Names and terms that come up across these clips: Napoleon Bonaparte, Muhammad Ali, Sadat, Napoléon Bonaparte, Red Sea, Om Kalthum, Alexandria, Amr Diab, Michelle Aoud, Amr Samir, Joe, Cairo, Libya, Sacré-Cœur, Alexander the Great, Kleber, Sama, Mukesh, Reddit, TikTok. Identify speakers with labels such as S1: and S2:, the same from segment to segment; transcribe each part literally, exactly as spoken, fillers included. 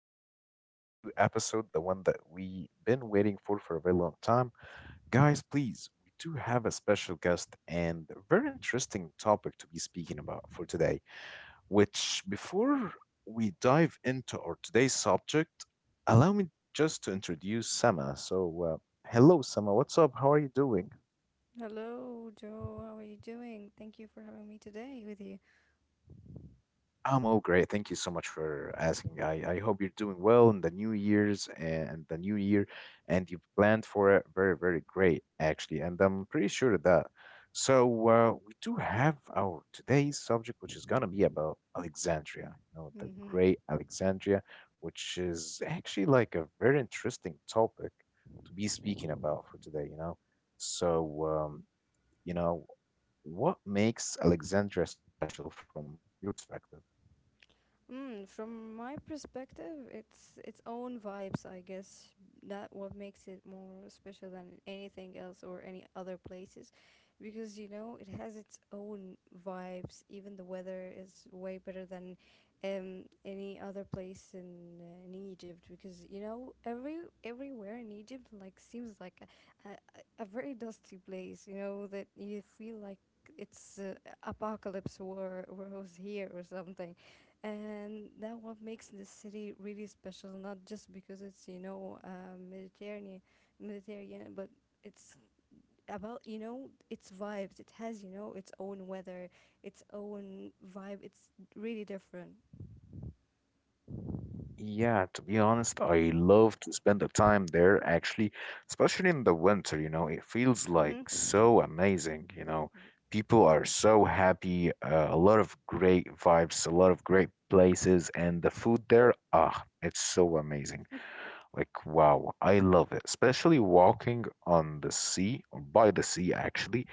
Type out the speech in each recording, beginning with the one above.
S1: to our today's new episode, the one that we have been waiting for for a very long time. Guys, please, we do have a special guest and a very interesting topic to be speaking about for today. Which, before we dive into our today's subject, allow me just to introduce Sama. So, uh, hello, Sama. What's up? How are you doing?
S2: Hello, Joe. How are you doing? Thank you for having me today with you.
S1: I'm all great. Thank you so much for asking. I, I hope you're doing well in the new years and the new year, and you've planned for it very, very great, actually. And I'm pretty sure of that. So, uh, we do have our today's subject, which is going to be about Alexandria, you know, the
S2: Hmm.
S1: great Alexandria, which is actually like a very interesting topic to be speaking about for today, you know. So, um, you know, what makes Alexandria special from your perspective?
S2: Mm, from my perspective, it's its own vibes, I guess. That what makes it more special than anything else or any other places, because you know it has its own vibes. Even the weather is way better than um, any other place in, uh, in Egypt, because you know every everywhere in Egypt like seems like a, a, a very dusty place. You know that you feel like it's uh, apocalypse war was here or something, and that what makes the city really special, not just because it's you know uh, mediterranean mediterranean, but it's about you know its vibes. It has you know its own weather, its own vibe. It's really different.
S1: Yeah, to be honest, I love to spend the time there actually, especially in the winter, you know, it feels like
S2: Mm-hmm.
S1: so amazing, you know. People are so happy, uh, a lot of great vibes, a lot of great places, and the food there, ah, it's so amazing. Like, wow, I love it, especially walking on the sea or by the sea, actually.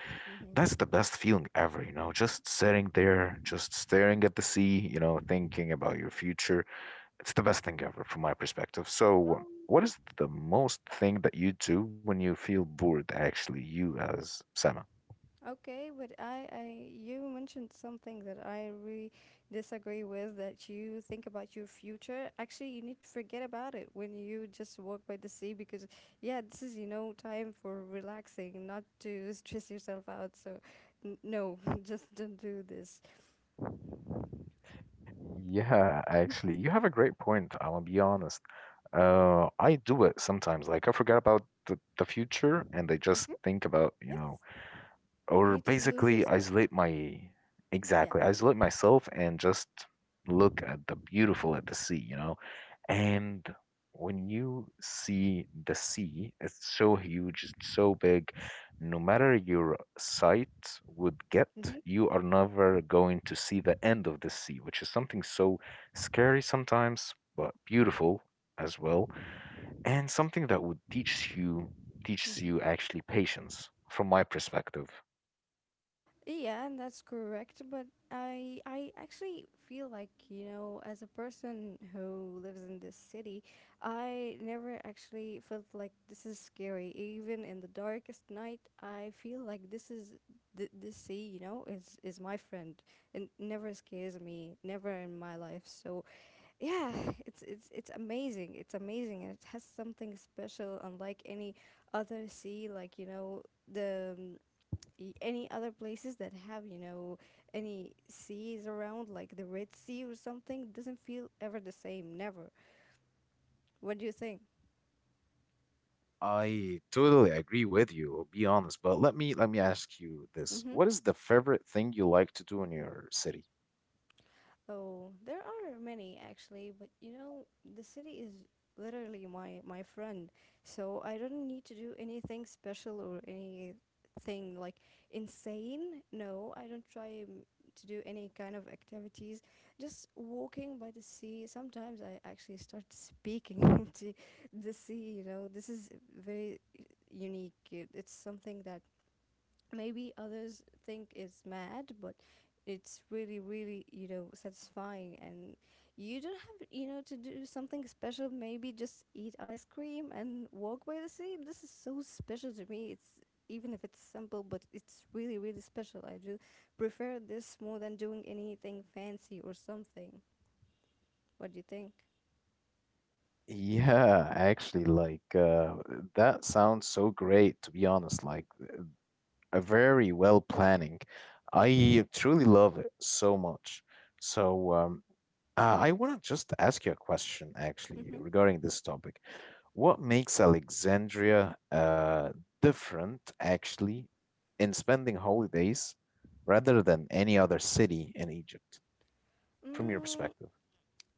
S1: That's the
S2: Mm-hmm.
S1: best feeling ever, you know, just sitting there, just staring at the sea, you know, thinking about your future. It's the best thing ever from my perspective. So, what is the most thing that you do when you feel bored, actually, you as Sama?
S2: Okay, but I, I you mentioned something that I really disagree with, that you think about your future. Actually, you need to forget about it when you just walk by the sea because yeah, this is you know time for relaxing, not to stress yourself out. So n- no, just don't do this.
S1: Yeah, actually, you have a great point. I'm gonna be honest. Uh, I do it sometimes. Like I forget about the, the future and I just
S2: Hmm.
S1: think about, you
S2: Yes.
S1: know,
S2: You
S1: or
S2: need to lose
S1: basically
S2: yourself.
S1: isolate my
S2: Yeah.
S1: exactly isolate myself and just look at the beautiful at the sea, you know.
S2: Yeah.
S1: And when you see the sea, it's so huge, it's so big, no matter your sight would get,
S2: Mm-hmm.
S1: you are never going to see the end of the sea, which is something so scary sometimes but beautiful as well, and something that would teach you teaches
S2: Mm-hmm.
S1: you actually patience from my perspective.
S2: Yeah, and that's correct. But I I actually feel like, you know, as a person who lives in this city, I never actually felt like this is scary. Even in the darkest night, I feel like this is the the sea, you know, is is my friend, and never scares me, never in my life. So, yeah, it's it's it's amazing. It's amazing, and it has something special, unlike any other sea. Like, you know, the i- any other places that have you know any seas around, like the red sea or something. It doesn't feel ever the same, never. What do you think?
S1: I totally agree with you, be honest, but let me let me ask you this.
S2: Mm-hmm.
S1: What is the favorite thing you like to do in your city?
S2: Oh, there are many actually, but you know, the city is literally my my friend. So I don't need to do anything special or anything like insane. No, I don't try mm, to do any kind of activities. Just walking by the sea. Sometimes I actually start speaking to the sea, you know. This is very uh, unique. It- It's something that maybe others think it's mad, but it's really really you know satisfying. And you don't have you know to do something special. Maybe just eat ice cream and walk by the sea. This is so special to me. It's, even if it's simple, but it's really really special. I do prefer this more than doing anything fancy or something. What do you think?
S1: Yeah, actually, like uh, that sounds so great, to be honest, like a very well planning. I truly love it so much. So, um, Uh, I want to just ask you a question actually
S2: Mm-hmm.
S1: regarding this topic. What makes Alexandria uh, different actually in spending holidays rather than any other city in Egypt from your
S2: Mm,
S1: perspective?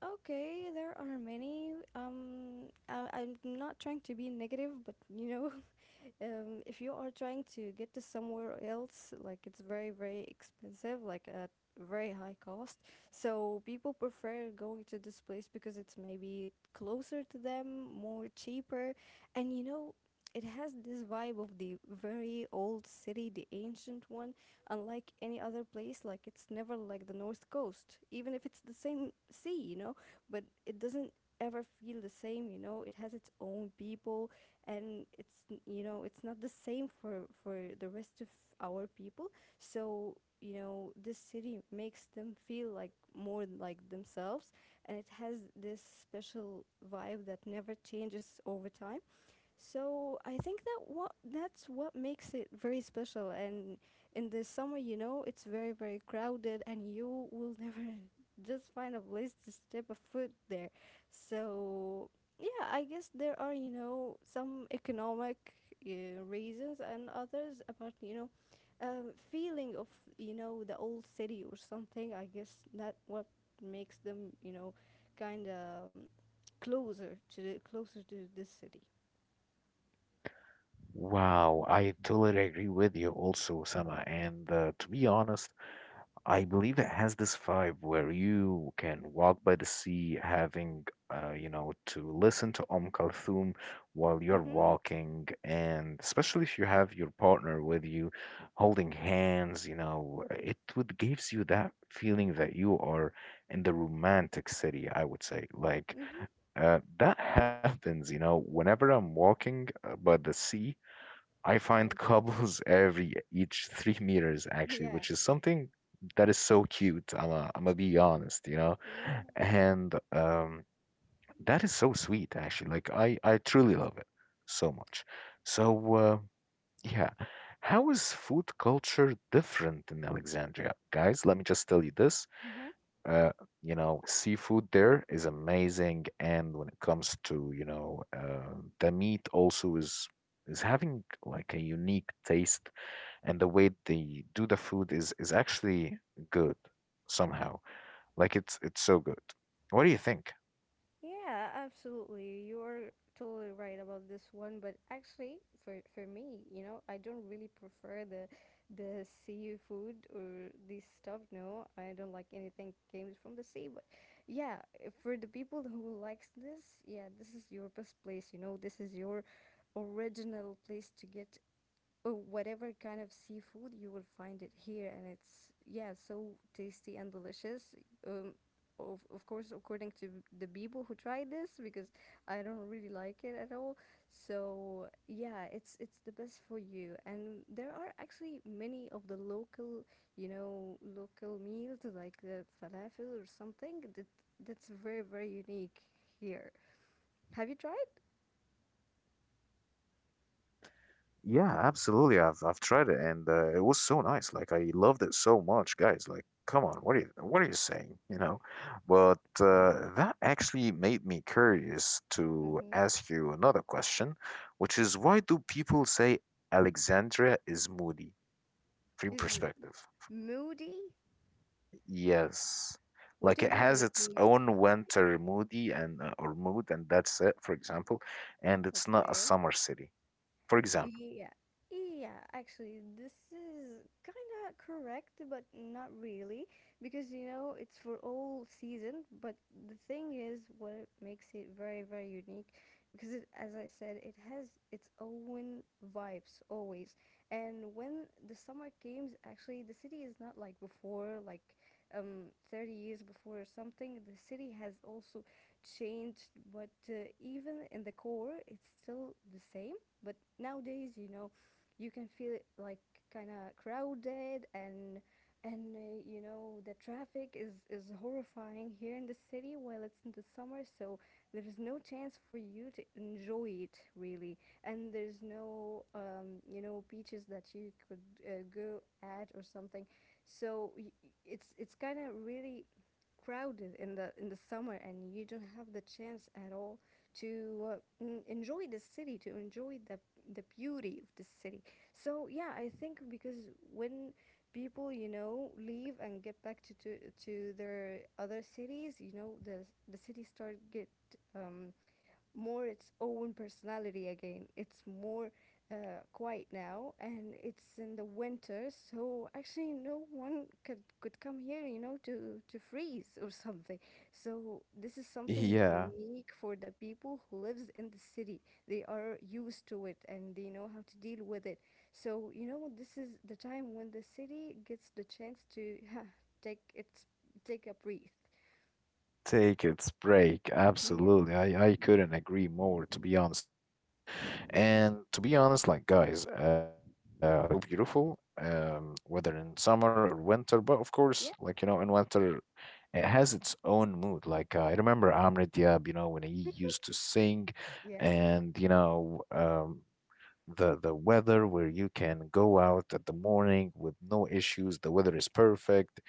S2: okay, there are many. Um, I, I'm not trying to be negative, but you know, um, if you are trying to get to somewhere else, like it's very, very expensive, like at very high cost. So people prefer going to this place because it's maybe closer to them, more cheaper, and you know, it has this vibe of the very old city, the ancient one, unlike any other place. Like it's never like the north coast, even if it's the same sea, you know, but it doesn't ever feel the same, you know. It has its own people, and it's n- you know it's not the same for for the rest of our people. So you know this city makes them feel like more like themselves, and it has this special vibe that never changes over time. So I think that what that's what makes it very special. And in the summer, you know, it's very very crowded, and you will never just find a place to step a foot there. So yeah, I guess there are you know some economic uh, reasons, and others about you know um, feeling of you know the old city or something. I guess that what makes them you know kind of closer to the, closer to this city.
S1: Wow, I totally agree with you also, Sama. And uh, To be honest, I believe it has this vibe where you can walk by the sea, having, uh, you know, to listen to Om Kalthum while you're
S2: Mhm.
S1: walking, and especially if you have your partner with you, holding hands, you know, it would gives you that feeling that you are in the romantic city, I would say. Like,
S2: Mhm.
S1: uh, that happens, you know, whenever I'm walking uh, by the sea. I
S2: Yeah.
S1: find cobbles every each three meters actually,
S2: Yeah.
S1: which is something that is so cute. I'm a, I'm gonna be honest, you know,
S2: Yeah.
S1: and um, that is so sweet actually. Like I I truly love it so much. So uh, yeah, how is food culture different in Alexandria, guys? Let me just tell you this.
S2: Mm-hmm.
S1: uh, you know, seafood there is amazing, and when it comes to, you know, uh, the meat also is is having like a unique taste, and the way they do the food is is actually good somehow. Like it's it's so good. What do you think?
S2: Yeah, absolutely. You are totally right about this one, but actually for for me, you know, I don't really prefer the the seafood or this stuff. No, I don't like anything comes from the sea, but yeah, if for the people who likes this, yeah, this is your best place, you know, this is your original place to get, or whatever kind of seafood you will find it here. And it's yeah so tasty and delicious. um of, of course, according to the people who tried this, because I don't really like it at all. So yeah, it's it's the best for you, and there are
S1: Yes,
S2: actually
S1: exactly.
S2: many of the local, you know, local meals, like the falafel or something, that that's very very unique here. Have you tried?
S1: Yeah, absolutely. I've I've tried it and uh, it was so nice. Like I loved it so much, guys. Like, come on, what are you what are you saying? You know? But uh, that actually made me curious to
S2: Mm-hmm.
S1: ask you another question, which is why do people say Alexandria is moody from
S2: Is
S1: perspective?
S2: moody?
S1: Yes.
S2: What do
S1: Like
S2: you
S1: it
S2: mean
S1: has
S2: with
S1: its
S2: moody?
S1: own winter moody and uh, or mood and that's it, for example, and it's not a
S2: Okay.
S1: summer city, for example.
S2: Yeah. Yeah, actually, this is kind of correct, but not really, because you know it's for all season. But the thing is, what makes it very, very unique, because it, as I said, it has its own vibes always. And when the summer comes, actually, the city is not like before, like um, thirty years before or something. The city has also changed, but uh, even in the core, it's still the same, but nowadays, you know, you can feel it like kind of crowded, and and uh, you know the traffic is is horrifying here in the city while it's in the summer. So there is no chance for you to enjoy it really, and there's no um, you know beaches that you could uh, go at or something. So y- y- it's it's kind of really crowded in the in the summer, and you don't have the chance at all to uh, enjoy the city, to enjoy the the beauty of the city. So yeah, I think because when people you know leave and get back to to, to their other cities, you know the the city start get um, more its own personality again. It's more uh, quiet now, and it's in the winter, so actually no one could could come here, you know, to to freeze or something. So this is something
S1: Yeah.
S2: unique for the people who lives in the city. They are used to it and they know how to deal with it. So you know, this is the time when the city gets the chance to take its take a breath.
S1: Take its break. Absolutely. I, I couldn't agree more, to be honest, in this one. And to be honest, like, guys, uh, Alexandria is so beautiful, um, whether in summer or winter. But of course,
S2: Yeah,
S1: like, you know, in winter, it has its own mood. Like, uh, I remember Amr Diab, you know, when he used to sing
S2: yeah,
S1: and, you know, um, the the weather where you can go out at the morning with no issues, the weather is perfect,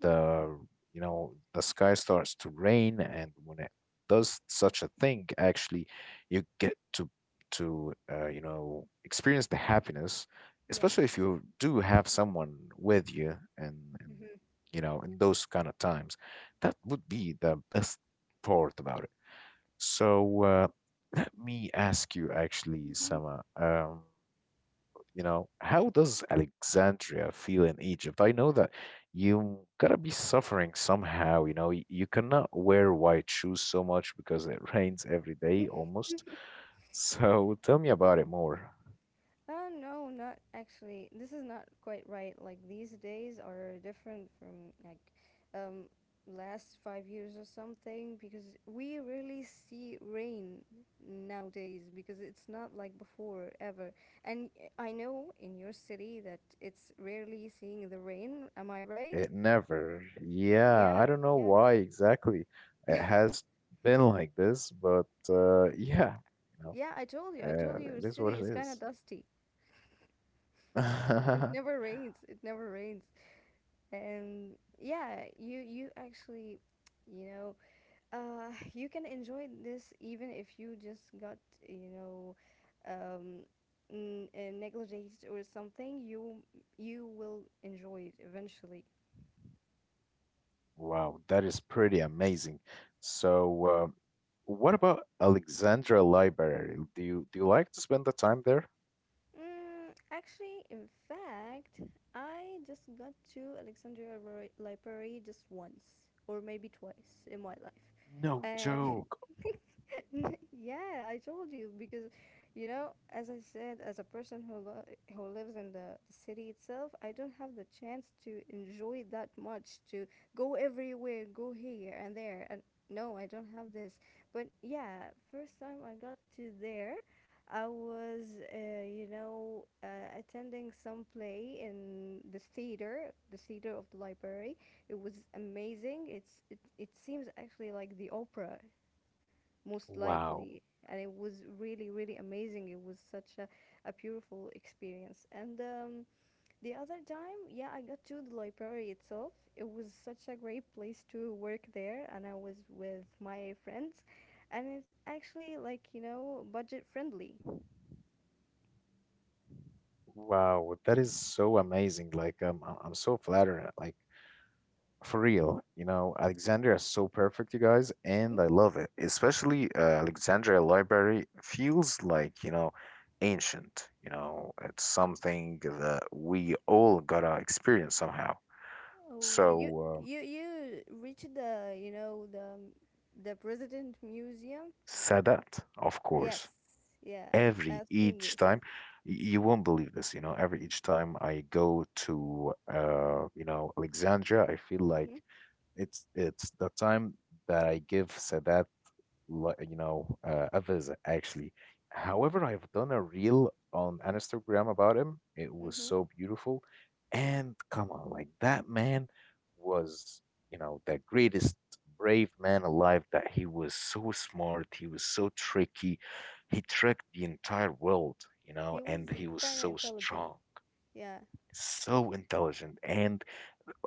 S2: yeah,
S1: the, you know, the sky starts to rain, and when it does such a thing actually, you get to to uh, you know, experience the happiness,
S2: yeah,
S1: especially if you do have someone with you, and, and
S2: yeah.
S1: you know, in those kind of times, that would be the best part about it. so uh, Let me ask you actually,
S2: Mm-hmm.
S1: Sama. Um, you know, how does Alexandria feel in Egypt? I know that you gotta be suffering somehow. You know, Y- you cannot wear white shoes so much because it rains every day almost. So tell me about it more.
S2: Uh, no, not actually. This is not quite right. Like these days are different from like um last five years or something because we really see rain nowadays because it's not like before ever. And I know in your city that it's rarely seeing the rain. Am I right?
S1: It never, yeah,
S2: Yeah,
S1: I don't know
S2: yeah.
S1: why exactly it has been like this, but uh, yeah, you know,
S2: Yeah, I told you. I told
S1: uh,
S2: you your
S1: it is
S2: city
S1: what it
S2: is kind of
S1: is.
S2: dusty. It never rains. It never rains. And yeah, you you actually you know uh you can enjoy this even if you just got you know um n- uh, negligent or something. You you will enjoy it eventually.
S1: Wow, that is pretty amazing. So, uh, what about Alexandra Library? Do you do you like to spend the time there?
S2: Mm, actually in fact I just got to Alexandria Libra- library just once or maybe twice in my life.
S1: No
S2: Uh,
S1: joke.
S2: yeah, I told you because, you know, as I said, as a person who lo- who lives in the, the city itself, I don't have the chance to enjoy that much to go everywhere, go here and there, and no, I don't have this. But yeah, first time I got to there, I was, uh, you know, uh, attending some play in the theater, the theater of the library. It was amazing. It's it, it seems actually like the opera most
S1: Wow.
S2: likely, and it was really really amazing. It was such a, a beautiful experience. And um, the other time, yeah, I got to the library itself. It was such a great place to work there, and I was with my friends, and it's actually like you know budget friendly.
S1: Wow, that is so amazing. Like, um, I- I'm so flattered. Like, for real, you know, Alexandria is so perfect, you guys, and I
S2: Mhm.
S1: love it. Especially uh, Alexandria Library feels like, you know, ancient. You know, it's something that we all gotta experience somehow.
S2: Oh, you
S1: So,
S2: you you reached the you know the the President Museum.
S1: Sadat, of
S2: Yes,
S1: course.
S2: yeah, I've
S1: Every
S2: seen
S1: each
S2: this.
S1: time, y- you won't believe this, you know, every
S2: Y-
S1: each time I go to uh, you know, Alexandria, I feel like
S2: Mhm,
S1: it's it's the time that I give Sadat li- you know, uh, others actually. However, I've done a reel on Instagram about him. It was
S2: mhm.
S1: so beautiful. And come on, like that man was, you know, the greatest brave man alive, that he was so smart, he was so tricky. He tricked the entire world, you
S2: He
S1: know,
S2: was
S1: and he was
S2: kind of
S1: so
S2: intelligent.
S1: strong,
S2: Yeah.
S1: so intelligent. And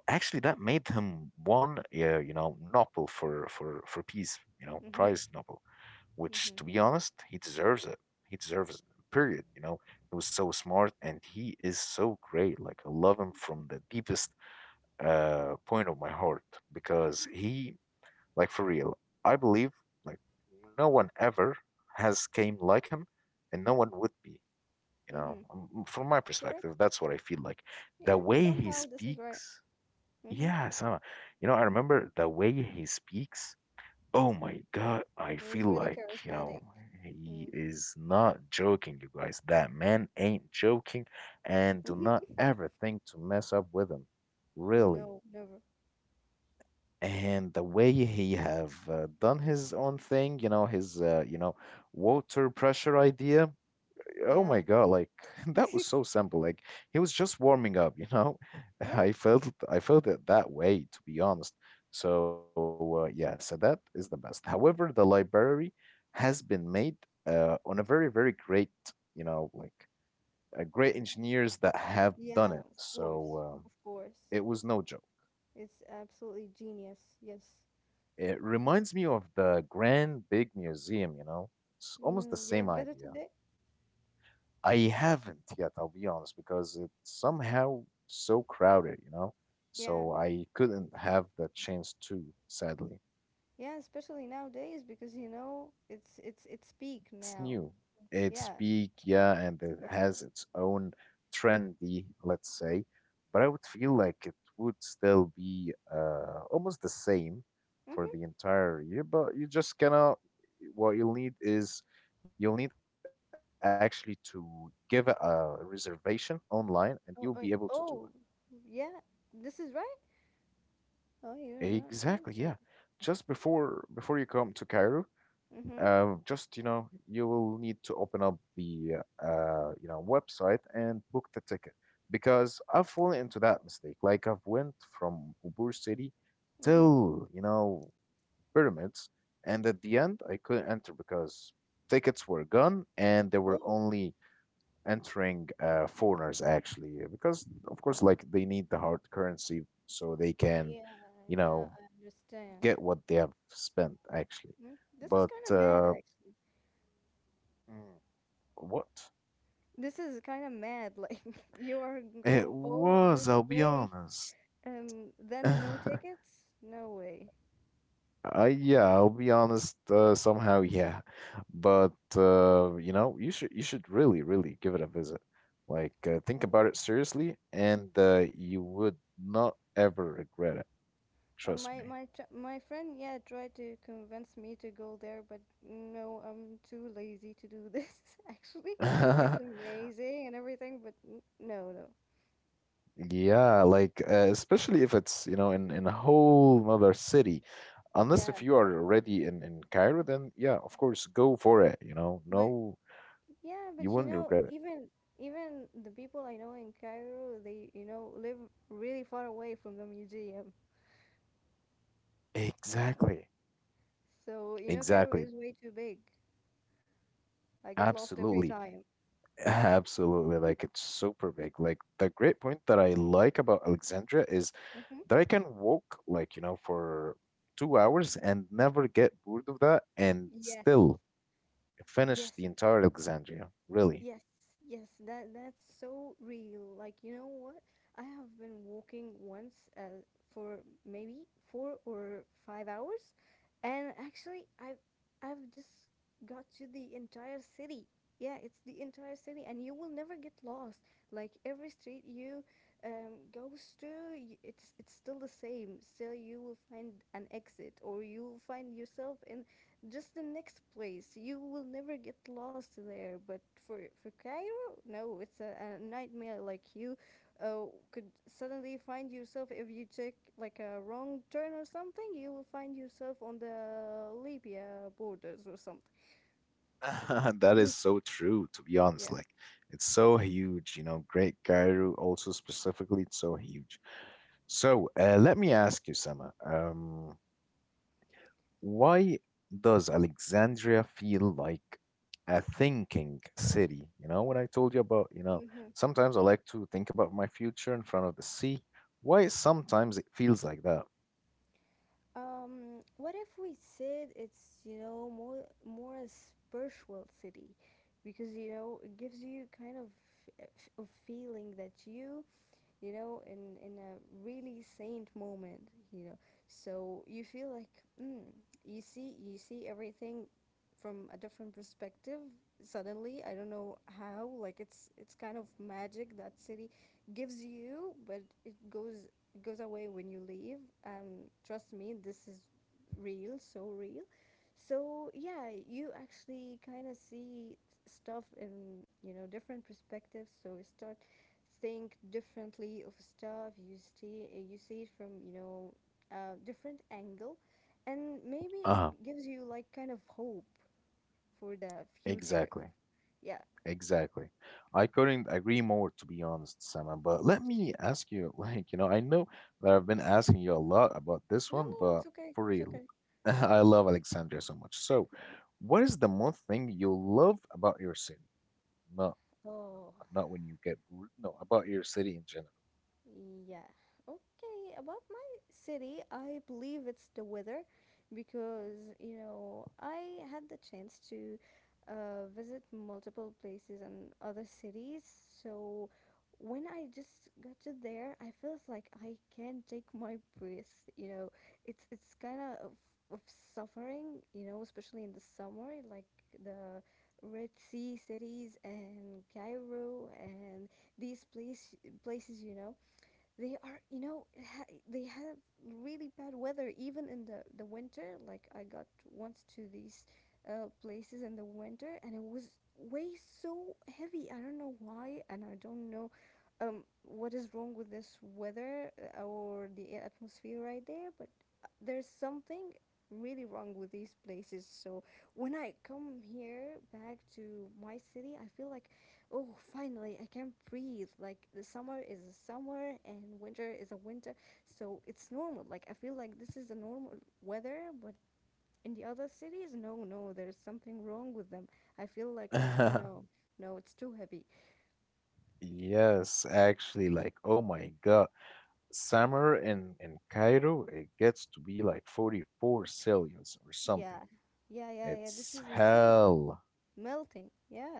S1: actually that made him one, uh, you know, Nobel for for for peace, you know,
S2: Mhm,
S1: prize Nobel, which
S2: mhm,
S1: to be honest, he deserves it. He deserves it. Period. You know, he was so smart and he is so great. Like I love him from the deepest uh point of my heart because he, like for real, I believe like no one ever has came like him and no one would be, you know.
S2: mhm.
S1: Um, m- From my
S2: Correct.
S1: perspective, that's what I feel like. The
S2: Yeah.
S1: way he
S2: Somehow this is right.
S1: speaks,
S2: Mhm.
S1: yeah, Sama. You know, I remember the way he speaks. Oh my God, I
S2: He was
S1: feel
S2: really
S1: like, you know,
S2: charismatic.
S1: he
S2: Mm.
S1: is not joking, you guys. That man ain't joking, and do not ever think to mess up with him, really.
S2: No, never.
S1: And the way he have uh, done his own thing, you know, his uh, you know, water pressure idea, oh
S2: Yeah.
S1: my God, like that was so simple. Like he was just warming up, you know?
S2: Yeah.
S1: I felt I felt it that way, to be honest. So uh, yeah, so that is the best. However, the library has been made uh, on a very, very great, you know, like uh, great engineers that have done
S2: Yeah.
S1: it.
S2: Of
S1: So
S2: course.
S1: um,
S2: Of course.
S1: it was no joke.
S2: It's absolutely genius. Yes.
S1: It reminds me of the Grand Big Museum, you know? It's almost the
S2: Mm, you have
S1: same
S2: better
S1: idea.
S2: today?
S1: I haven't yet, I'll be honest, because it's somehow so crowded, you know?
S2: Yeah.
S1: So I couldn't have the chance to, sadly.
S2: Yeah, especially nowadays because you know it's it's it's peak
S1: It's
S2: now.
S1: new. It's
S2: Yeah.
S1: big, yeah, and it
S2: Yeah.
S1: has its own trendy, let's say, but I would feel like it would still be uh, almost the same for the
S2: Mm-hmm.
S1: entire year, but you just cannot, what you'll need is you'll need actually to give a reservation online and you'll be able to do it.
S2: Oh, oh, oh, yeah. This is right. Oh, you're not
S1: Exactly, yeah.
S2: joking.
S1: Just before before you come to Cairo,
S2: Mm-hmm.
S1: uh, just you know, you will need to open up the uh, you know website and book the ticket because I've fallen into that mistake. Like I've went from Ubur City
S2: Mm-hmm.
S1: till you know pyramids, and at the end I couldn't enter because tickets were gone and they were
S2: Oh,
S1: only entering uh, foreigners actually because of course like they need the hard currency so they can,
S2: yeah,
S1: you
S2: yeah.
S1: know,
S2: I understand.
S1: get what they have spent actually.
S2: Mm, This is
S1: But
S2: kind of mad,
S1: uh,
S2: actually.
S1: mm, what?
S2: This is kind of mad. Like, you are
S1: It
S2: go all this
S1: was, I'll be
S2: way
S1: honest.
S2: and then no tickets? No way.
S1: Uh, yeah, I'll be honest. Uh, somehow, yeah, but uh, you know, you should you should really, really give it a visit. Like, uh, think
S2: Oh.
S1: about it seriously, and uh, you would not ever regret it.
S2: Uh,
S1: Trust
S2: my my tr- my friend, yeah, tried to convince me to go there, but no, I'm too lazy to do this. Actually,
S1: me.
S2: it's amazing and everything, but n- no, no,
S1: Yeah, like uh, especially if it's, you know, in in a whole nother city. Unless
S2: yeah,
S1: if you are already in in Cairo, then yeah, of course, go for it, you know.
S2: but
S1: No,
S2: yeah,
S1: you
S2: but you
S1: wouldn't
S2: know,
S1: regret it.
S2: even even the people I know in Cairo, they you know live really far away from the museum,
S1: Exactly.
S2: so you know Cairo
S1: Exactly.
S2: is way too big. I get lost every
S1: Absolutely.
S2: time.
S1: Absolutely. Like it's super big. Like the great point that I like about Alexandria is
S2: Mm-hmm.
S1: that I can walk like, you know, for two hours and never get bored of that and
S2: Yes,
S1: still finish
S2: yes,
S1: the entire Alexandria. Really.
S2: yes, yes, that that's so real. Like, you know what? I have been walking once uh, for maybe four or five hours, and actually, I've I've just got to the entire city. Yeah, it's the entire city, and you will never get lost. Like every street you um, goes to, y- it's it's still the same. Still, you will find an exit, or you will find yourself in just the next place. You will never get lost there. But for for Cairo, no, it's a, a nightmare. Like you, uh, could suddenly find yourself if you take like a wrong turn or something. You will find yourself on the Libya borders or something.
S1: That is so true, to be
S2: Yeah.
S1: honest. Like, it's so huge, you know. Great Cairo, also specifically, it's so huge. So, uh, let me ask you, Sama, um, why does Alexandria feel like a thinking city? You know, when I told you about, you know,
S2: Mm-hmm.
S1: sometimes I like to think about my future in front of the sea. Why sometimes it feels like that?
S2: Um, what if we said it's, you know, more more a spiritual city? Because, you know, it gives you kind of f- of feeling that you you know, in, in a really saint moment, you know. So you feel like, mm, you see, you see everything from a different perspective suddenly. I don't know how. Like it's it's kind of magic that city gives you, but it goes it goes away when you leave. Um trust me, this is real, so real. So yeah, you actually kind of see stuff in, you know, different perspectives, so you start think differently of stuff you see you see it from, you know, a different angle, and maybe it
S1: Uh-huh,
S2: gives you like kind of hope for the future.
S1: exactly.
S2: Yeah.
S1: Exactly. I couldn't agree more, to be honest, Sama. But let
S2: No,
S1: me ask you, like, you know, I know that I've been asking you a lot about this
S2: no,
S1: one, but
S2: it's okay,
S1: for
S2: it's
S1: real,
S2: okay.
S1: I love Alexandria so much. So, what is the one thing you love about your city? Not,
S2: Oh.
S1: not when you get bored. No, about your city in
S2: Yeah. Okay. About my city, I believe it's the weather because, you know, I had the chance to uh, visit multiple places and other cities. So when I just got to there, I felt like I can't take my breath. You know, it's it's kind of of suffering, you know, especially in the summer, like the Red Sea cities and Cairo and these place, places, you know they are, you know, ha they have really bad weather even in the the winter. Like I got once to these uh, places in the winter, and it was way so heavy. I don't know why, and I don't know um what is wrong with this weather uh, or the atmosphere right there, but uh, there's something really wrong with these places. So when I come here back to my city, I feel like, oh, finally I can breathe. Like the summer is a summer and winter is a winter. So it's normal. Like I feel like this is the normal weather. But in the other cities, no, no, there's something wrong with them. I feel like, uh,
S1: general.
S2: no, no, it's too heavy.
S1: Yes, actually, like, oh my God, summer in in Cairo, it gets to be like forty-four Celsius or something.
S2: Yeah. Yeah, yeah, yeah. This
S1: It's
S2: is insane.
S1: hell.
S2: Melting. Yeah.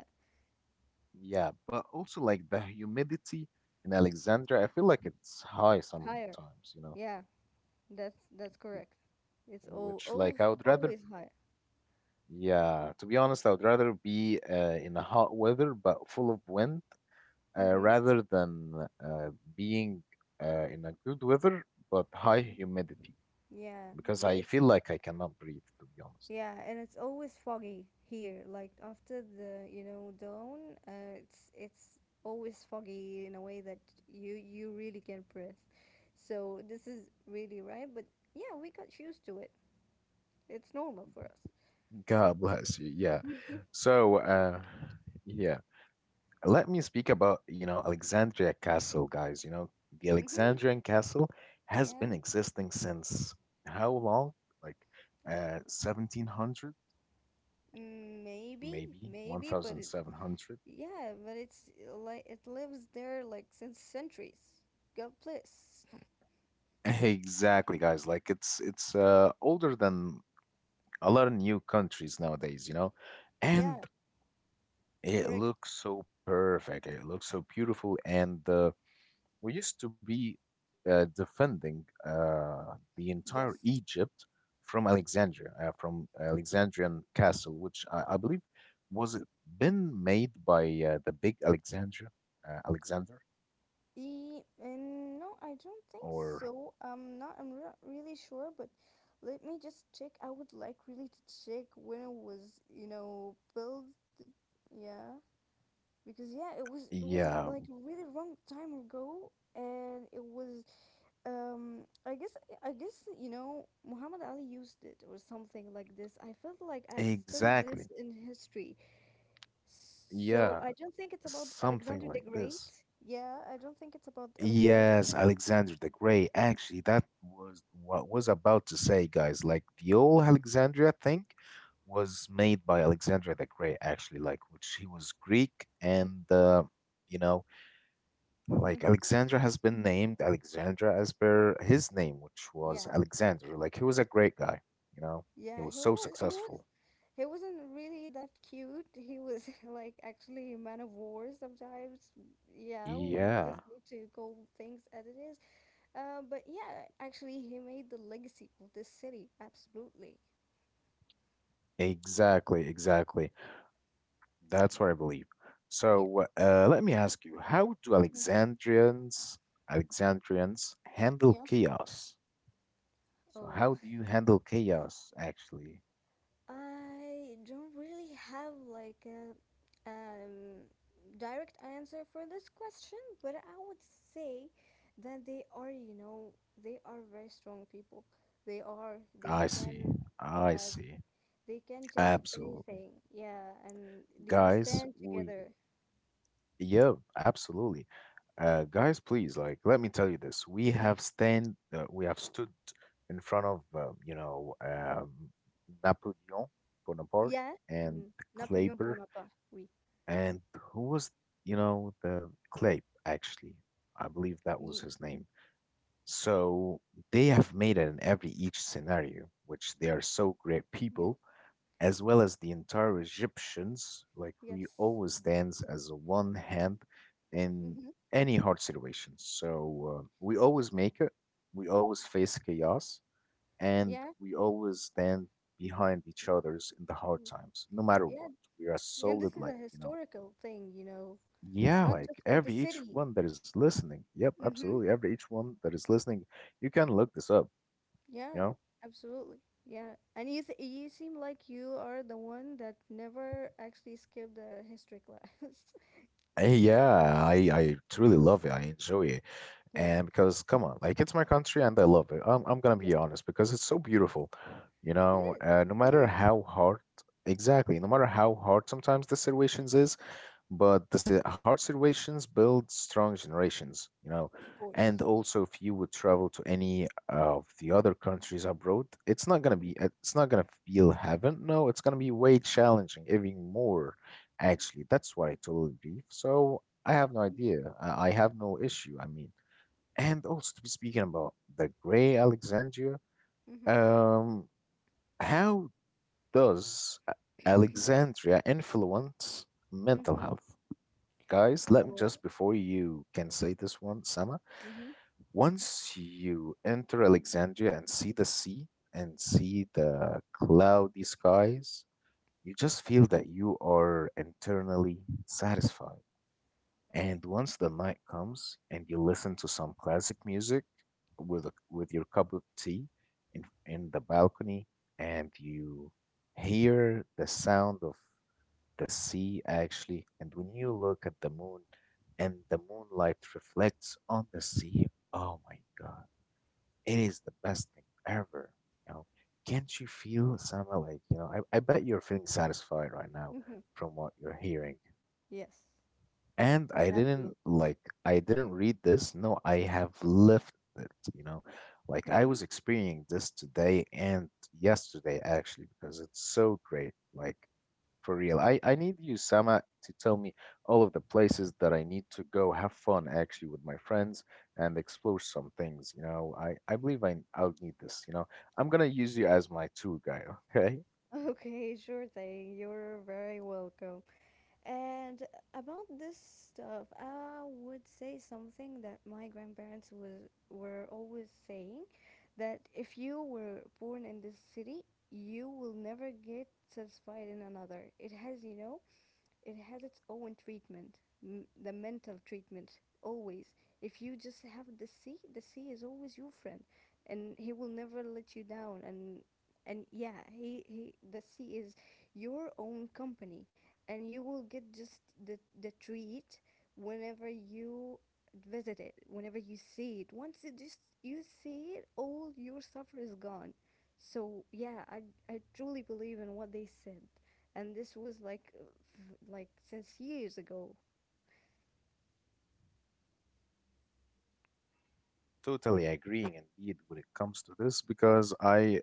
S1: Yeah, but also like the humidity in Alexandria, I feel like it's high
S2: Higher.
S1: sometimes, you know,
S2: Yeah. That's that's correct. It's all
S1: which like
S2: always
S1: I would rather,
S2: always higher.
S1: yeah, to be honest, I would rather be uh, in a hot weather but full of wind uh,
S2: Mhm.
S1: rather than uh, being uh, in a good weather but high
S2: Mhm.
S1: humidity
S2: Yeah.
S1: because
S2: The-
S1: I
S2: It's,
S1: feel like I cannot breathe, to be honest.
S2: yeah, and it's always foggy here. Like after the, you know, dawn, uh, it's it's always foggy in a way that you you really can't breathe. So this is really right, but yeah, we got used to it. It's normal for us.
S1: God bless you. Yeah.
S2: Mhm.
S1: So, uh, yeah. Let me speak about, you know, Alexandria castle, guys, you know, the
S2: Mhm.
S1: Alexandrian castle has
S2: Yeah.
S1: been existing since how long, like
S2: So,
S1: uh seventeen hundred,
S2: mm, maybe,
S1: maybe
S2: maybe, but it,
S1: one thousand seven hundred.
S2: yeah, but it's uh, like it lives there like since centuries. God bless.
S1: Exactly, guys, like it's it's uh older than a lot of new countries nowadays, you know. And
S2: Yeah,
S1: it
S2: correct.
S1: looks so perfect, it looks so beautiful, and uh, we used to be uh, defending uh, the entire
S2: Yes.
S1: Egypt from Alexandria, uh, from Alexandrian castle, which I, I believe was it been made by uh, the big Alexandria, uh, Alexander,
S2: E and no, I don't think
S1: or
S2: so. I'm not. I'm not really sure, but let me just check. I would like really to check when it was, you know, built. Yeah, because yeah, it was it was
S1: yeah,
S2: like really long time ago, and it was um I guess, i guess you know, Muhammad Ali used it or something like this. I felt like I've studied
S1: exactly,
S2: this in history, so
S1: yeah,
S2: I don't think it's about
S1: something
S2: Alexander the
S1: like
S2: Great.
S1: this.
S2: Yeah, I don't think it's about Alexander the
S1: Yes, Alexander the Great. Actually, that was what I was about to say, guys. Like the old Alexandria thing was made by Alexander the Great, actually, like which he was Greek and uh, you know,
S2: Great. Mm-hmm.
S1: like Alexandra has been named Alexandra as per his name, which was
S2: Yeah,
S1: Alexander. Like he was a great guy, you know. He
S2: yeah,
S1: was
S2: he
S1: so
S2: was he was
S1: successful.
S2: he wasn't really that cute. He was like actually a man of war sometimes. Yeah, we just
S1: Yeah.
S2: need to call things as it is. uh, but yeah, actually he made the legacy of this city, absolutely.
S1: Exactly, exactly. That's what I believe.
S2: Yeah.
S1: So uh, let me ask you, how do
S2: Mhm.
S1: Alexandrians Alexandrians handle
S2: Yeah.
S1: chaos? So
S2: Oh,
S1: how do you handle chaos actually?
S2: I don't really have like a um, direct answer for this question, but I would say that they are, you know, they are very strong people. They are,
S1: I
S2: they
S1: see.
S2: can,
S1: I
S2: yeah,
S1: see.
S2: they can take
S1: Absolutely.
S2: anything. Yeah, and they
S1: Guys,
S2: stand together.
S1: we yeah, absolutely. Uh, guys, please, like, let me tell you this. We
S2: Mm-hmm.
S1: have stand, uh, we have stood in front of, uh, you know, um, Napoleon Bonaparte
S2: Yeah.
S1: and
S2: Mm. Napoléon
S1: Kleber
S2: Bonaparte, oui.
S1: and who was, you know, the clay, actually, I believe that was
S2: Ye-
S1: his name. So they have made it in every each scenario, which they are so great
S2: Yeah.
S1: people, as well as the entire Egyptians. Like we
S2: Yes.
S1: always stands as a one hand in
S2: Mm-hmm.
S1: any hard situation. So uh, we always make it, we always face chaos, and
S2: Yeah.
S1: we always stand behind each other's in the hard times, no matter
S2: Yeah.
S1: what. We are
S2: Yeah, this
S1: solid,
S2: is a
S1: like, you know.
S2: historical thing, you know,
S1: Yeah,
S2: not
S1: like
S2: just for the
S1: every each
S2: city.
S1: one that is listening. Yep,
S2: Mm-hmm.
S1: absolutely. Every each one that is listening, you can look this up, you
S2: Yeah,
S1: know?
S2: absolutely. Yeah. And you, th you seem like you are the one that never actually skipped a history class.
S1: Eh, yeah, I I truly love it. I enjoy it.
S2: Yeah.
S1: And because come on, like it's my country and I love it. I'm I'm gonna
S2: Yeah.
S1: be honest because it's so
S2: Yes.
S1: beautiful. You
S2: It
S1: know,
S2: is.
S1: uh, no
S2: It
S1: matter
S2: is.
S1: how hard, exactly, no matter how hard sometimes the situations is, but the si- hard situations build strong generations, you know.
S2: Of
S1: And
S2: course.
S1: also, if you would travel to any of the other countries abroad, it's not gonna
S2: Mm-hmm.
S1: be uh, it's not gonna feel heaven. No, it's gonna be way challenging, even more. Actually, that's what I totally believe. So I have no idea. I, I have no issue. I mean, and also to be speaking about the Gray Alexandria,
S2: Mm-hmm.
S1: um, how does uh, Alexandria influence mental
S2: Mm-hmm.
S1: health? Guys, let me
S2: Oh.
S1: just before you can say this one, Sama,
S2: Mm-hmm.
S1: once you enter Alexandria and see the sea and see the cloudy skies, you just feel that you are internally satisfied. And once the night comes and you listen to some classic music with a, with your cup of tea in in the balcony and you hear the sound of the sea actually, and when you look at the moon and the moonlight reflects on the sea, oh my God, it is the best thing ever. You know, can't you feel Sama, like, you know, I, I bet you're feeling satisfied right now
S2: Mm-hmm.
S1: from what you're hearing.
S2: Yes.
S1: And I
S2: Absolutely.
S1: didn't like I didn't read this. No, I have lived it, you know. Like I
S2: Mm-hmm.
S1: was experiencing this today and yesterday actually because it's so great. Like for real. I, I need you, Sama, to tell me all of the places that I need to go have fun actually with my friends and explore some things, you know. I, I believe I I'll need this, you know. I'm gonna use you as my tour guide, okay?
S2: Okay, sure thing. You're very welcome. And about this stuff, I would say something that my grandparents was were always saying that if you were born in this city, you will never get satisfied in another. It has, you know, it has its own treatment, m- the mental treatment always. If you just have the sea, the sea is always your friend, and he will never let you down. And and yeah, he, he the sea is your own company, and you will get just the the treat whenever you visit it, whenever you see it. Once it just you see it, all your suffer is gone. So yeah, I I truly believe in what they said, and this was like uh, f- like since years ago.
S1: Totally agreeing indeed when it comes to this because I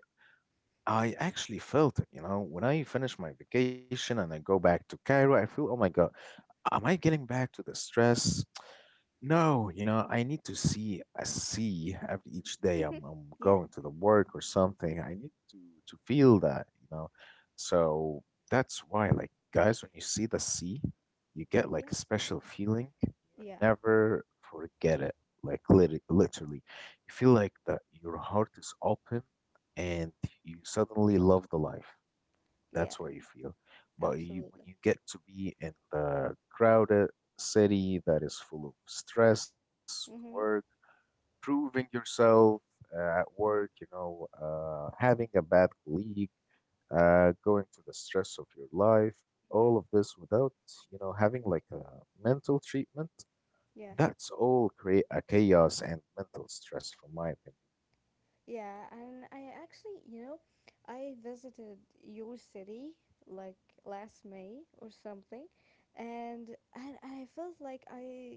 S1: I actually felt it, you know, when I finish my vacation and I go back to Cairo, I feel, oh my God, am I getting back to the stress? No, you know, I need to see a see every each day I'm
S2: Hmm.
S1: I'm
S2: Yeah,
S1: going to the work or something. I need to to feel that, you know. So that's why, like, guys, when you see the sea, you get
S2: yeah,
S1: like a special feeling. You
S2: yeah,
S1: never forget it. Like lit literally, you feel like that your heart is open and you suddenly love the life.
S2: yeah,
S1: That's what you feel. But you, when
S2: absolutely.
S1: you get to be in the crowded city that is full of stress,
S2: Mm-hmm,
S1: work, proving yourself uh, at work, you know, uh, having a bad colleague, uh, going through the stress of your life,
S2: hmm.
S1: all of this without, you know, having like a mental treatment,
S2: Yeah.
S1: that's all create a chaos and mental stress, from my opinion.
S2: Yeah, and I actually, you know, I visited your city like last May or something, and and I felt like I,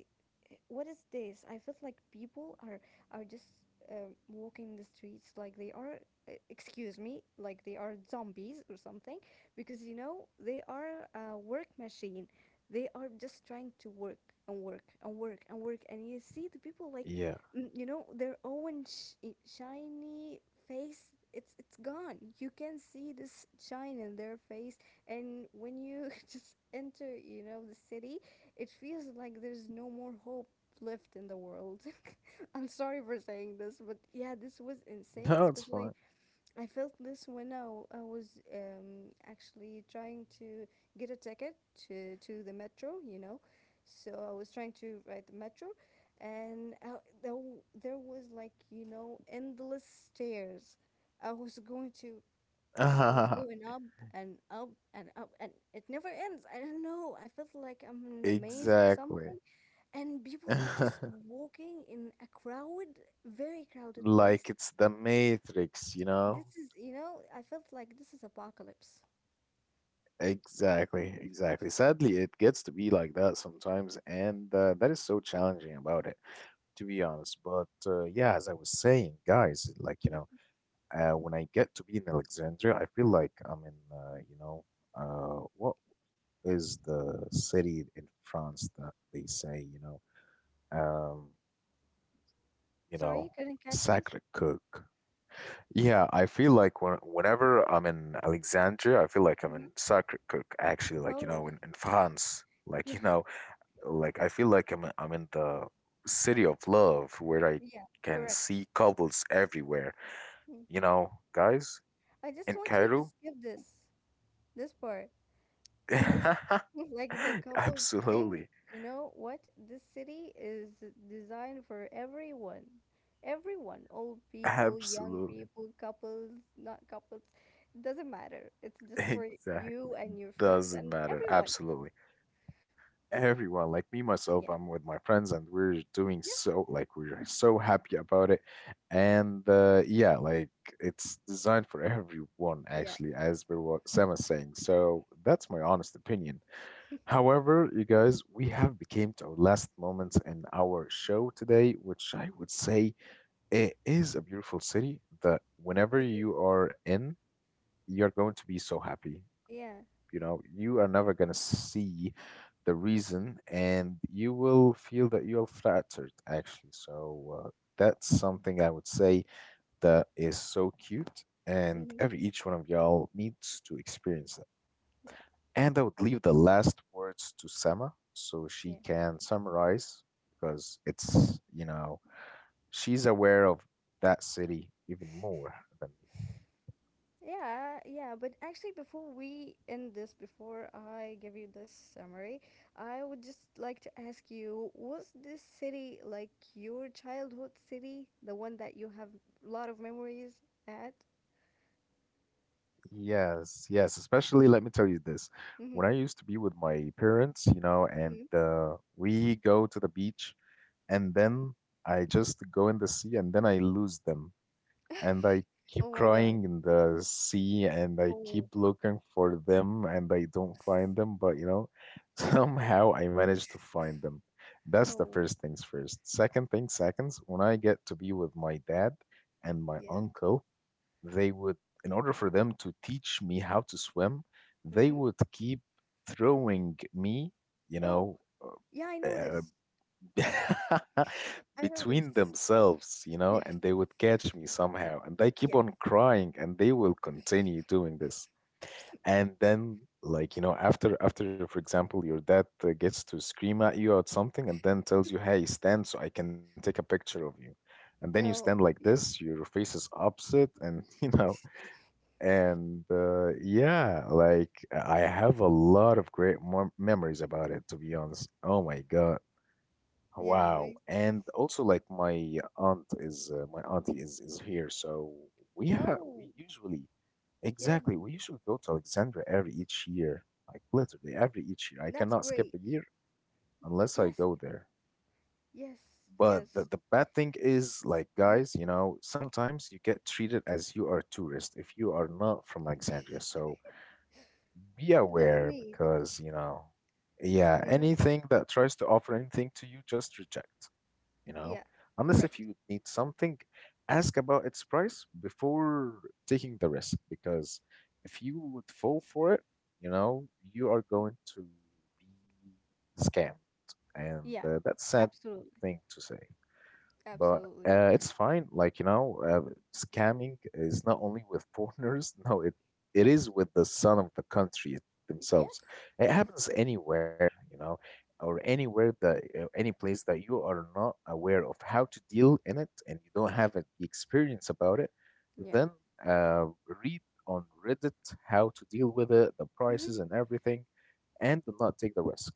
S2: what is this? I felt like people are are just um, walking the streets like they are, uh, excuse me, like they are zombies or something, because you know they are a work machine. They are just trying to work and work and work and work, and you see the people like
S1: Yeah.
S2: mm, you know their own sh- shiny face. It's it's gone. You can see this shine in their face. And when you just enter, you know, the city, it feels like there's no more hope left in the world. I'm sorry for saying this, but yeah, this was insane.
S1: No, it's
S2: Especially
S1: fine.
S2: I felt this when I, w- I was um, actually trying to get a ticket to, to the metro, you know. So I was trying to ride the metro, and I, there, w- there was like, you know, endless stairs. I was going to, I was going up and up and up, and it never ends. I don't know. I felt like I'm in a maze or something,
S1: Exactly.
S2: and people are just walking in a crowd, very crowded
S1: Like
S2: place.
S1: it's the matrix, you know.
S2: This is, you know, I felt like this is apocalypse.
S1: Exactly, exactly, sadly it gets to be like that sometimes, and uh, that is so challenging about it, to be honest, but uh, yeah, as I was saying, guys, like, you know,
S2: Mhm.
S1: uh, when I get to be in Alexandria, I feel like I'm in, uh, you know, uh, what is the city in France that they say, you know, um, you know,
S2: Sorry, couldn't catch this?
S1: sacre coeur Yeah, I feel like when, whenever I'm in Alexandria, I feel like I'm
S2: Mhm.
S1: in Sacré-Cœur, actually, like, you
S2: Oh,
S1: know, in, in France.
S2: yeah,
S1: Like, you know, like I feel like I'm, I'm in the city of love where I
S2: yeah,
S1: can
S2: correct.
S1: see couples everywhere.
S2: Mm.
S1: You know, guys,
S2: I just
S1: in
S2: want you to
S1: Cairo?
S2: skip this, this part. Like the couples thing,
S1: Absolutely.
S2: you know what? This city is designed for everyone. Everyone, old people, young
S1: Absolutely.
S2: people, couples, not couples, doesn't matter. It's just for
S1: Exactly.
S2: you and your friends
S1: Doesn't
S2: and
S1: matter.
S2: everyone.
S1: Absolutely. Everyone, like me
S2: Yeah,
S1: myself, I'm with my friends and we're doing
S2: yeah,
S1: so, like we're so happy about it, and uh, yeah, like it's designed for everyone
S2: yeah,
S1: actually as per what Sam is saying, so that's my honest opinion. However, you guys, we have became to our last moments in our show today, which I would say it is a beautiful city that whenever
S2: it is.
S1: you are in, you're going to be so happy,
S2: Yeah,
S1: you know, you are never going to see the reason and you will feel that you're flattered, actually. So uh, that's something I would say that is so cute. And
S2: hmm,
S1: every each one of y'all needs to experience that.
S2: yeah,
S1: And I would leave the last words to Sama so she
S2: yeah.
S1: can summarize because it's, you know, she's aware of that city even more than me.
S2: Yeah, yeah, but actually, before we end this, before I give you this summary, I would just like to ask you, was this city like your childhood city, the one that you have a lot of memories at?
S1: Yes, yes. Especially, let me tell you this.
S2: Mm-hmm.
S1: When I used to be with my parents, you know,
S2: Mm-hmm.
S1: and uh, we go to the beach, and then I just go in the sea, and then I lose them. And I keep
S2: Oh my God.
S1: crying in the sea, and I keep
S2: Oh,
S1: looking for them, and I don't find
S2: oops.
S1: them. But, you know, somehow I manage to find them. That's the
S2: Oh,
S1: first things first. Second thing, seconds, when I get to be with my dad and my
S2: yeah.
S1: uncle, they would, in order for them to teach me how to swim, they
S2: Mm-hmm.
S1: would keep throwing me, you
S2: Oh,
S1: know,
S2: yeah, I know
S1: uh,
S2: this. I know this.
S1: between themselves, you know,
S2: Yes,
S1: and they would catch me somehow. And I keep
S2: yes.
S1: on crying, and they will continue doing this. And then, like you know, after after, for example, your dad uh, gets to scream at you at something, and then tells you, "Hey, stand, so I can take a picture of you." And then you stand
S2: No,
S1: like
S2: yeah.
S1: this, your face is upset, and you know, and uh, yeah, like I have a lot of great mem memories about it, to be honest. Oh my God.
S2: Yeah,
S1: Wow.
S2: we,
S1: And also like my aunt is uh, my auntie is is here, so we ha
S2: oh,
S1: we usually
S2: yeah,
S1: exactly we usually go to Alexandria every each year. Like literally every each year. I
S2: that's
S1: cannot skip
S2: great.
S1: a year unless I
S2: Yes,
S1: go there.
S2: yes,
S1: But the,
S2: yes.
S1: the bad thing is, like,
S2: Hmm.
S1: guys, you know, sometimes you get treated as you are tourist if you are not from Alexandria. So be
S2: It doesn't
S1: aware
S2: need,
S1: because you know yeah,
S2: you know.
S1: anything that tries to offer anything to you just reject, you know
S2: Yeah,
S1: unless
S2: correct.
S1: if you need something, ask about its price before taking the risk, because if you would fall for it, you know you are going to be scammed. And
S2: Yeah,
S1: uh, That's sad
S2: absolutely,
S1: thing to say, but
S2: absolutely.
S1: uh, it's fine. Like, you know, uh, scamming is not only with foreigners. No, it it is with the son of the country themselves.
S2: Yes,
S1: It
S2: yes,
S1: happens anywhere, you know, or anywhere that uh, any place that you are not aware of how to deal in it, and you don't have a, the experience about it.
S2: yeah.
S1: Then uh, read on Reddit how to deal with it, the prices and everything, and do not take the risk.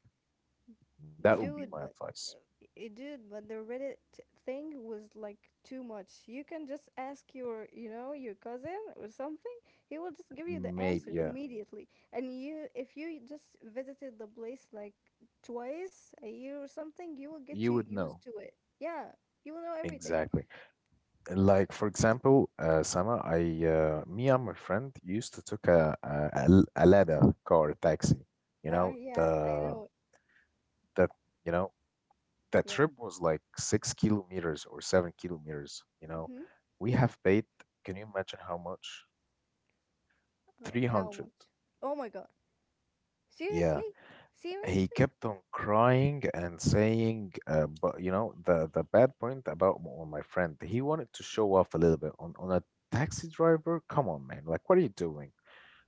S1: That would be
S2: Dude,
S1: my
S2: but
S1: advice.
S2: uh, i- dude, but the Reddit thing was like too much. You can just ask your, you know, your cousin or something. He will just give you the
S1: Maybe,
S2: answer
S1: yeah,
S2: immediately. And you, if you just visited the place like twice a year or something, you will get
S1: you
S2: to
S1: would
S2: used
S1: know
S2: to it. Yeah, you will know everything.
S1: exactly. Like for example, uh, Sama, I uh, me and my friend used to took a a, a ladder car taxi. You
S2: Uh,
S1: know
S2: yeah, I
S1: the
S2: know.
S1: that you know That
S2: Yeah.
S1: trip was like six kilometers or seven kilometers. You know,
S2: Mm-hmm.
S1: we have paid. Can you imagine how much?
S2: Oh,
S1: Three
S2: how
S1: hundred.
S2: much? Oh my God.
S1: Yeah.
S2: Seriously?
S1: He
S2: Seriously?
S1: kept on crying and saying, uh, but you know the the bad point about m- on my friend. He wanted to show off a little bit on on a taxi driver. Come on, man! Like, what are you doing?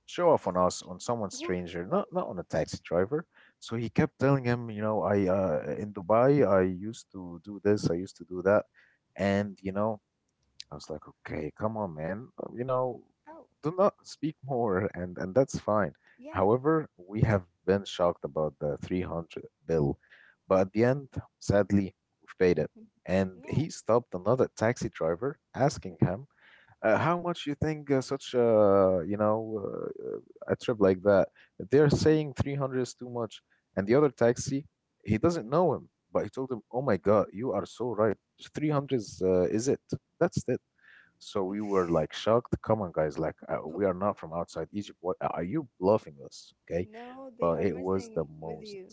S1: Show off on us, on someone
S2: Wh-
S1: stranger,
S2: What?
S1: not not on a taxi driver. So he kept telling him, you know, I uh, in Dubai, I used to do this, I used to do that, and you know, I was like, okay, come on, man. Uh, you know,
S2: Oh,
S1: do not speak more, and and that's fine.
S2: yeah.
S1: However, we have been shocked about the three hundred bill, but at the end, sadly, we've paid it. And
S2: Yeah.
S1: he stopped another taxi driver, asking him, uh, how much you think uh, such a, you know uh, a trip like that? They're
S2: Uh-huh.
S1: saying three hundred is too much, and the other taxi, he doesn't know him, but he told him, "Oh my God, you are so right. three hundred is uh, is it? That's it." So we were like shocked. Come on, guys! Like uh,
S2: Oh,
S1: we are not from outside Egypt. What are you bluffing us? Okay,
S2: no, they
S1: but
S2: are
S1: it was
S2: messing
S1: the
S2: with
S1: most,
S2: you.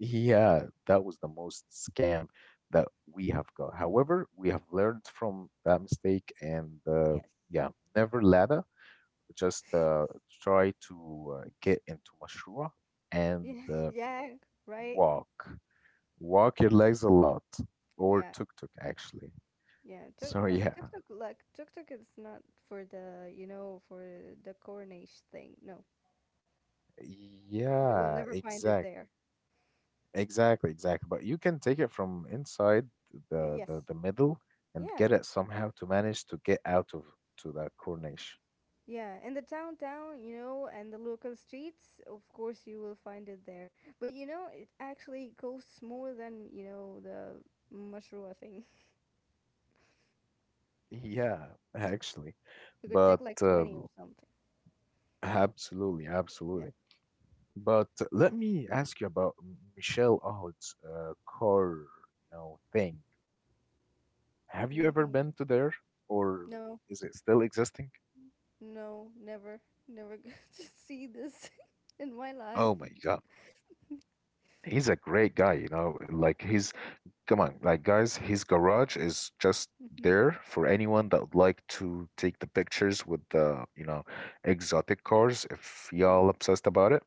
S1: yeah, that was the most scam that we have got. However, we have learned from that mistake. And uh,
S2: Yes.
S1: Yeah, never ladder. Just uh, try to uh, get into mashruah and
S2: Yeah.
S1: uh,
S2: Yeah. Right.
S1: walk. Walk your legs a lot, or
S2: Yeah.
S1: tuk-tuk actually.
S2: Yeah. Tuk
S1: So
S2: but
S1: yeah.
S2: TikTok, like TikTok, is not for the, you know, for the Cornish thing. No, you will
S1: Yeah,
S2: never find it
S1: exact,
S2: there.
S1: exactly, exactly. But you can take it from inside
S2: Y-
S1: the the,
S2: Yes.
S1: the middle and
S2: Yeah.
S1: get it somehow to manage to get out of to that corner.
S2: Yeah, in the downtown, you know, and the local streets, of course you will find it there. But you know, it actually costs more than, you know, the mashrua thing.
S1: Yeah, actually.
S2: It could take
S1: But
S2: like twenty
S1: um,
S2: or something.
S1: absolutely,
S2: Yeah.
S1: absolutely. But let me ask you about Michelle Aoud's uh, car, you know, thing. Have you ever
S2: Mm-hmm.
S1: been to there, or
S2: No,
S1: is it still existing?
S2: no, never, never, going to see this in my life.
S1: Oh my God, he's a great guy, you know. Like he's, come on, like guys, his garage is just
S2: Mm-hmm.
S1: there for anyone that would like to take the pictures with the, you know, exotic cars, if
S2: Mm-hmm.
S1: y'all obsessed about it.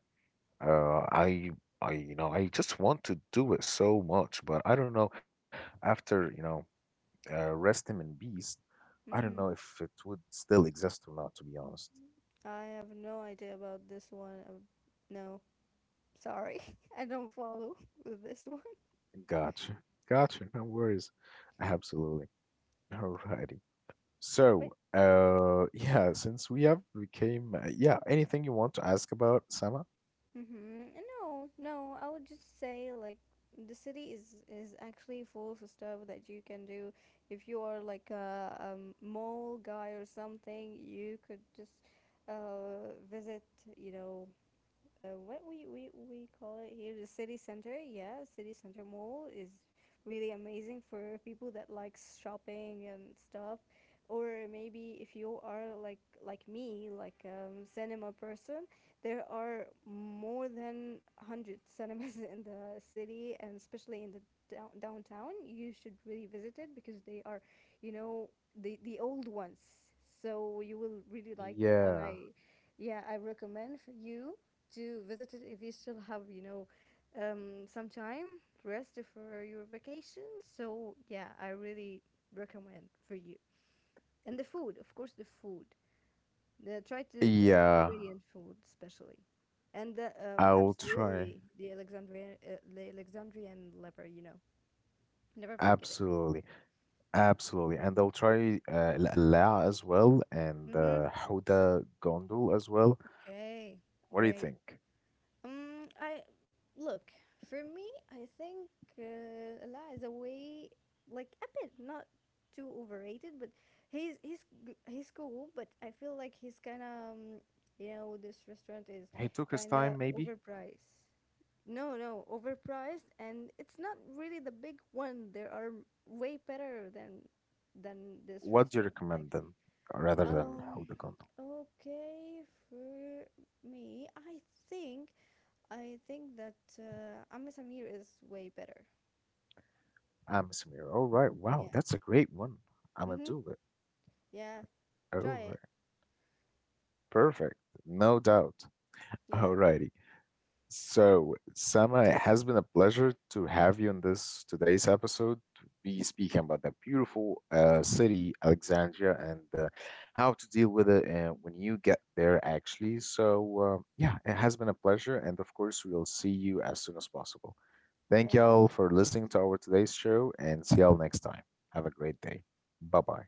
S1: Uh, I, I, you know, I just want to do it so much, but I don't know. After, you know, uh, Resting in Beast, I don't know
S2: Mm-hmm.
S1: if it would still exist or not, to be honest.
S2: I have no idea about this one. Uh, No, sorry. I don't follow with this one.
S1: Gotcha. Gotcha. No worries. Absolutely. Alrighty. So,
S2: But
S1: uh, yeah, since we have became, uh, yeah, anything you want to ask about, Sama?
S2: mm-hmm. No, no, I would just say like the city is is actually full of stuff that you can do. If you are like a, um mall guy or something, you could just uh visit, you know, uh, what we, we, we call it here, the city center. Yeah, city center mall is really amazing for people that likes shopping and stuff. Or maybe if you are like like me, like um, cinema person, there are more than one hundred cinemas in the city, and especially in the down, downtown. You should really visit it because they are, you know, the the old ones. So you will really like it, and
S1: Yeah.
S2: I, yeah, I recommend for you to visit it if you still have, you know, um, some time rest for your vacation. So yeah, I really recommend for you. And the food, of course, the food. The, try to the
S1: Yeah,
S2: Syrian food especially, and the, um,
S1: I will try.
S2: absolutely the Alexandrian uh, the Alexandrian liver. You know, never forget it.
S1: Absolutely. Absolutely, and they'll try uh, Al Qalaa as well, and
S2: Mm-hmm.
S1: uh, Huda Gondul as well.
S2: Okay,
S1: What do you
S2: great.
S1: think?
S2: Um, I look for me. I think uh, Allah is a way, like a bit not too overrated, but he's he's g- he's cool. But I feel like he's kind of um, you know this restaurant is
S1: He took his
S2: kind of
S1: time, maybe?
S2: overpriced. No, no, overpriced, and it's not really the big one. There are way better than than this
S1: What do you
S2: restaurant
S1: recommend
S2: actually.
S1: then, rather than
S2: Um,
S1: Huda Gondul?
S2: okay, for me, I think I think that uh, Amr Samir is way better.
S1: I'm Samir. All right, wow,
S2: Yeah.
S1: that's a great one. I'm gonna
S2: Hmm.
S1: do it.
S2: Yeah.
S1: All
S2: Try
S1: right,
S2: it.
S1: perfect, no doubt.
S2: Yeah.
S1: Alrighty. So, Sama, it has been a pleasure to have you in this today's episode, to be speaking about the beautiful uh, city, Alexandria, and uh, how to deal with it uh, when you get there, actually. So, uh, yeah, it has been a pleasure. And of course, we'll see you as soon as possible. Thank
S2: Yeah.
S1: y'all for listening to our today's show, and see y'all next time. Have a great day. Bye bye.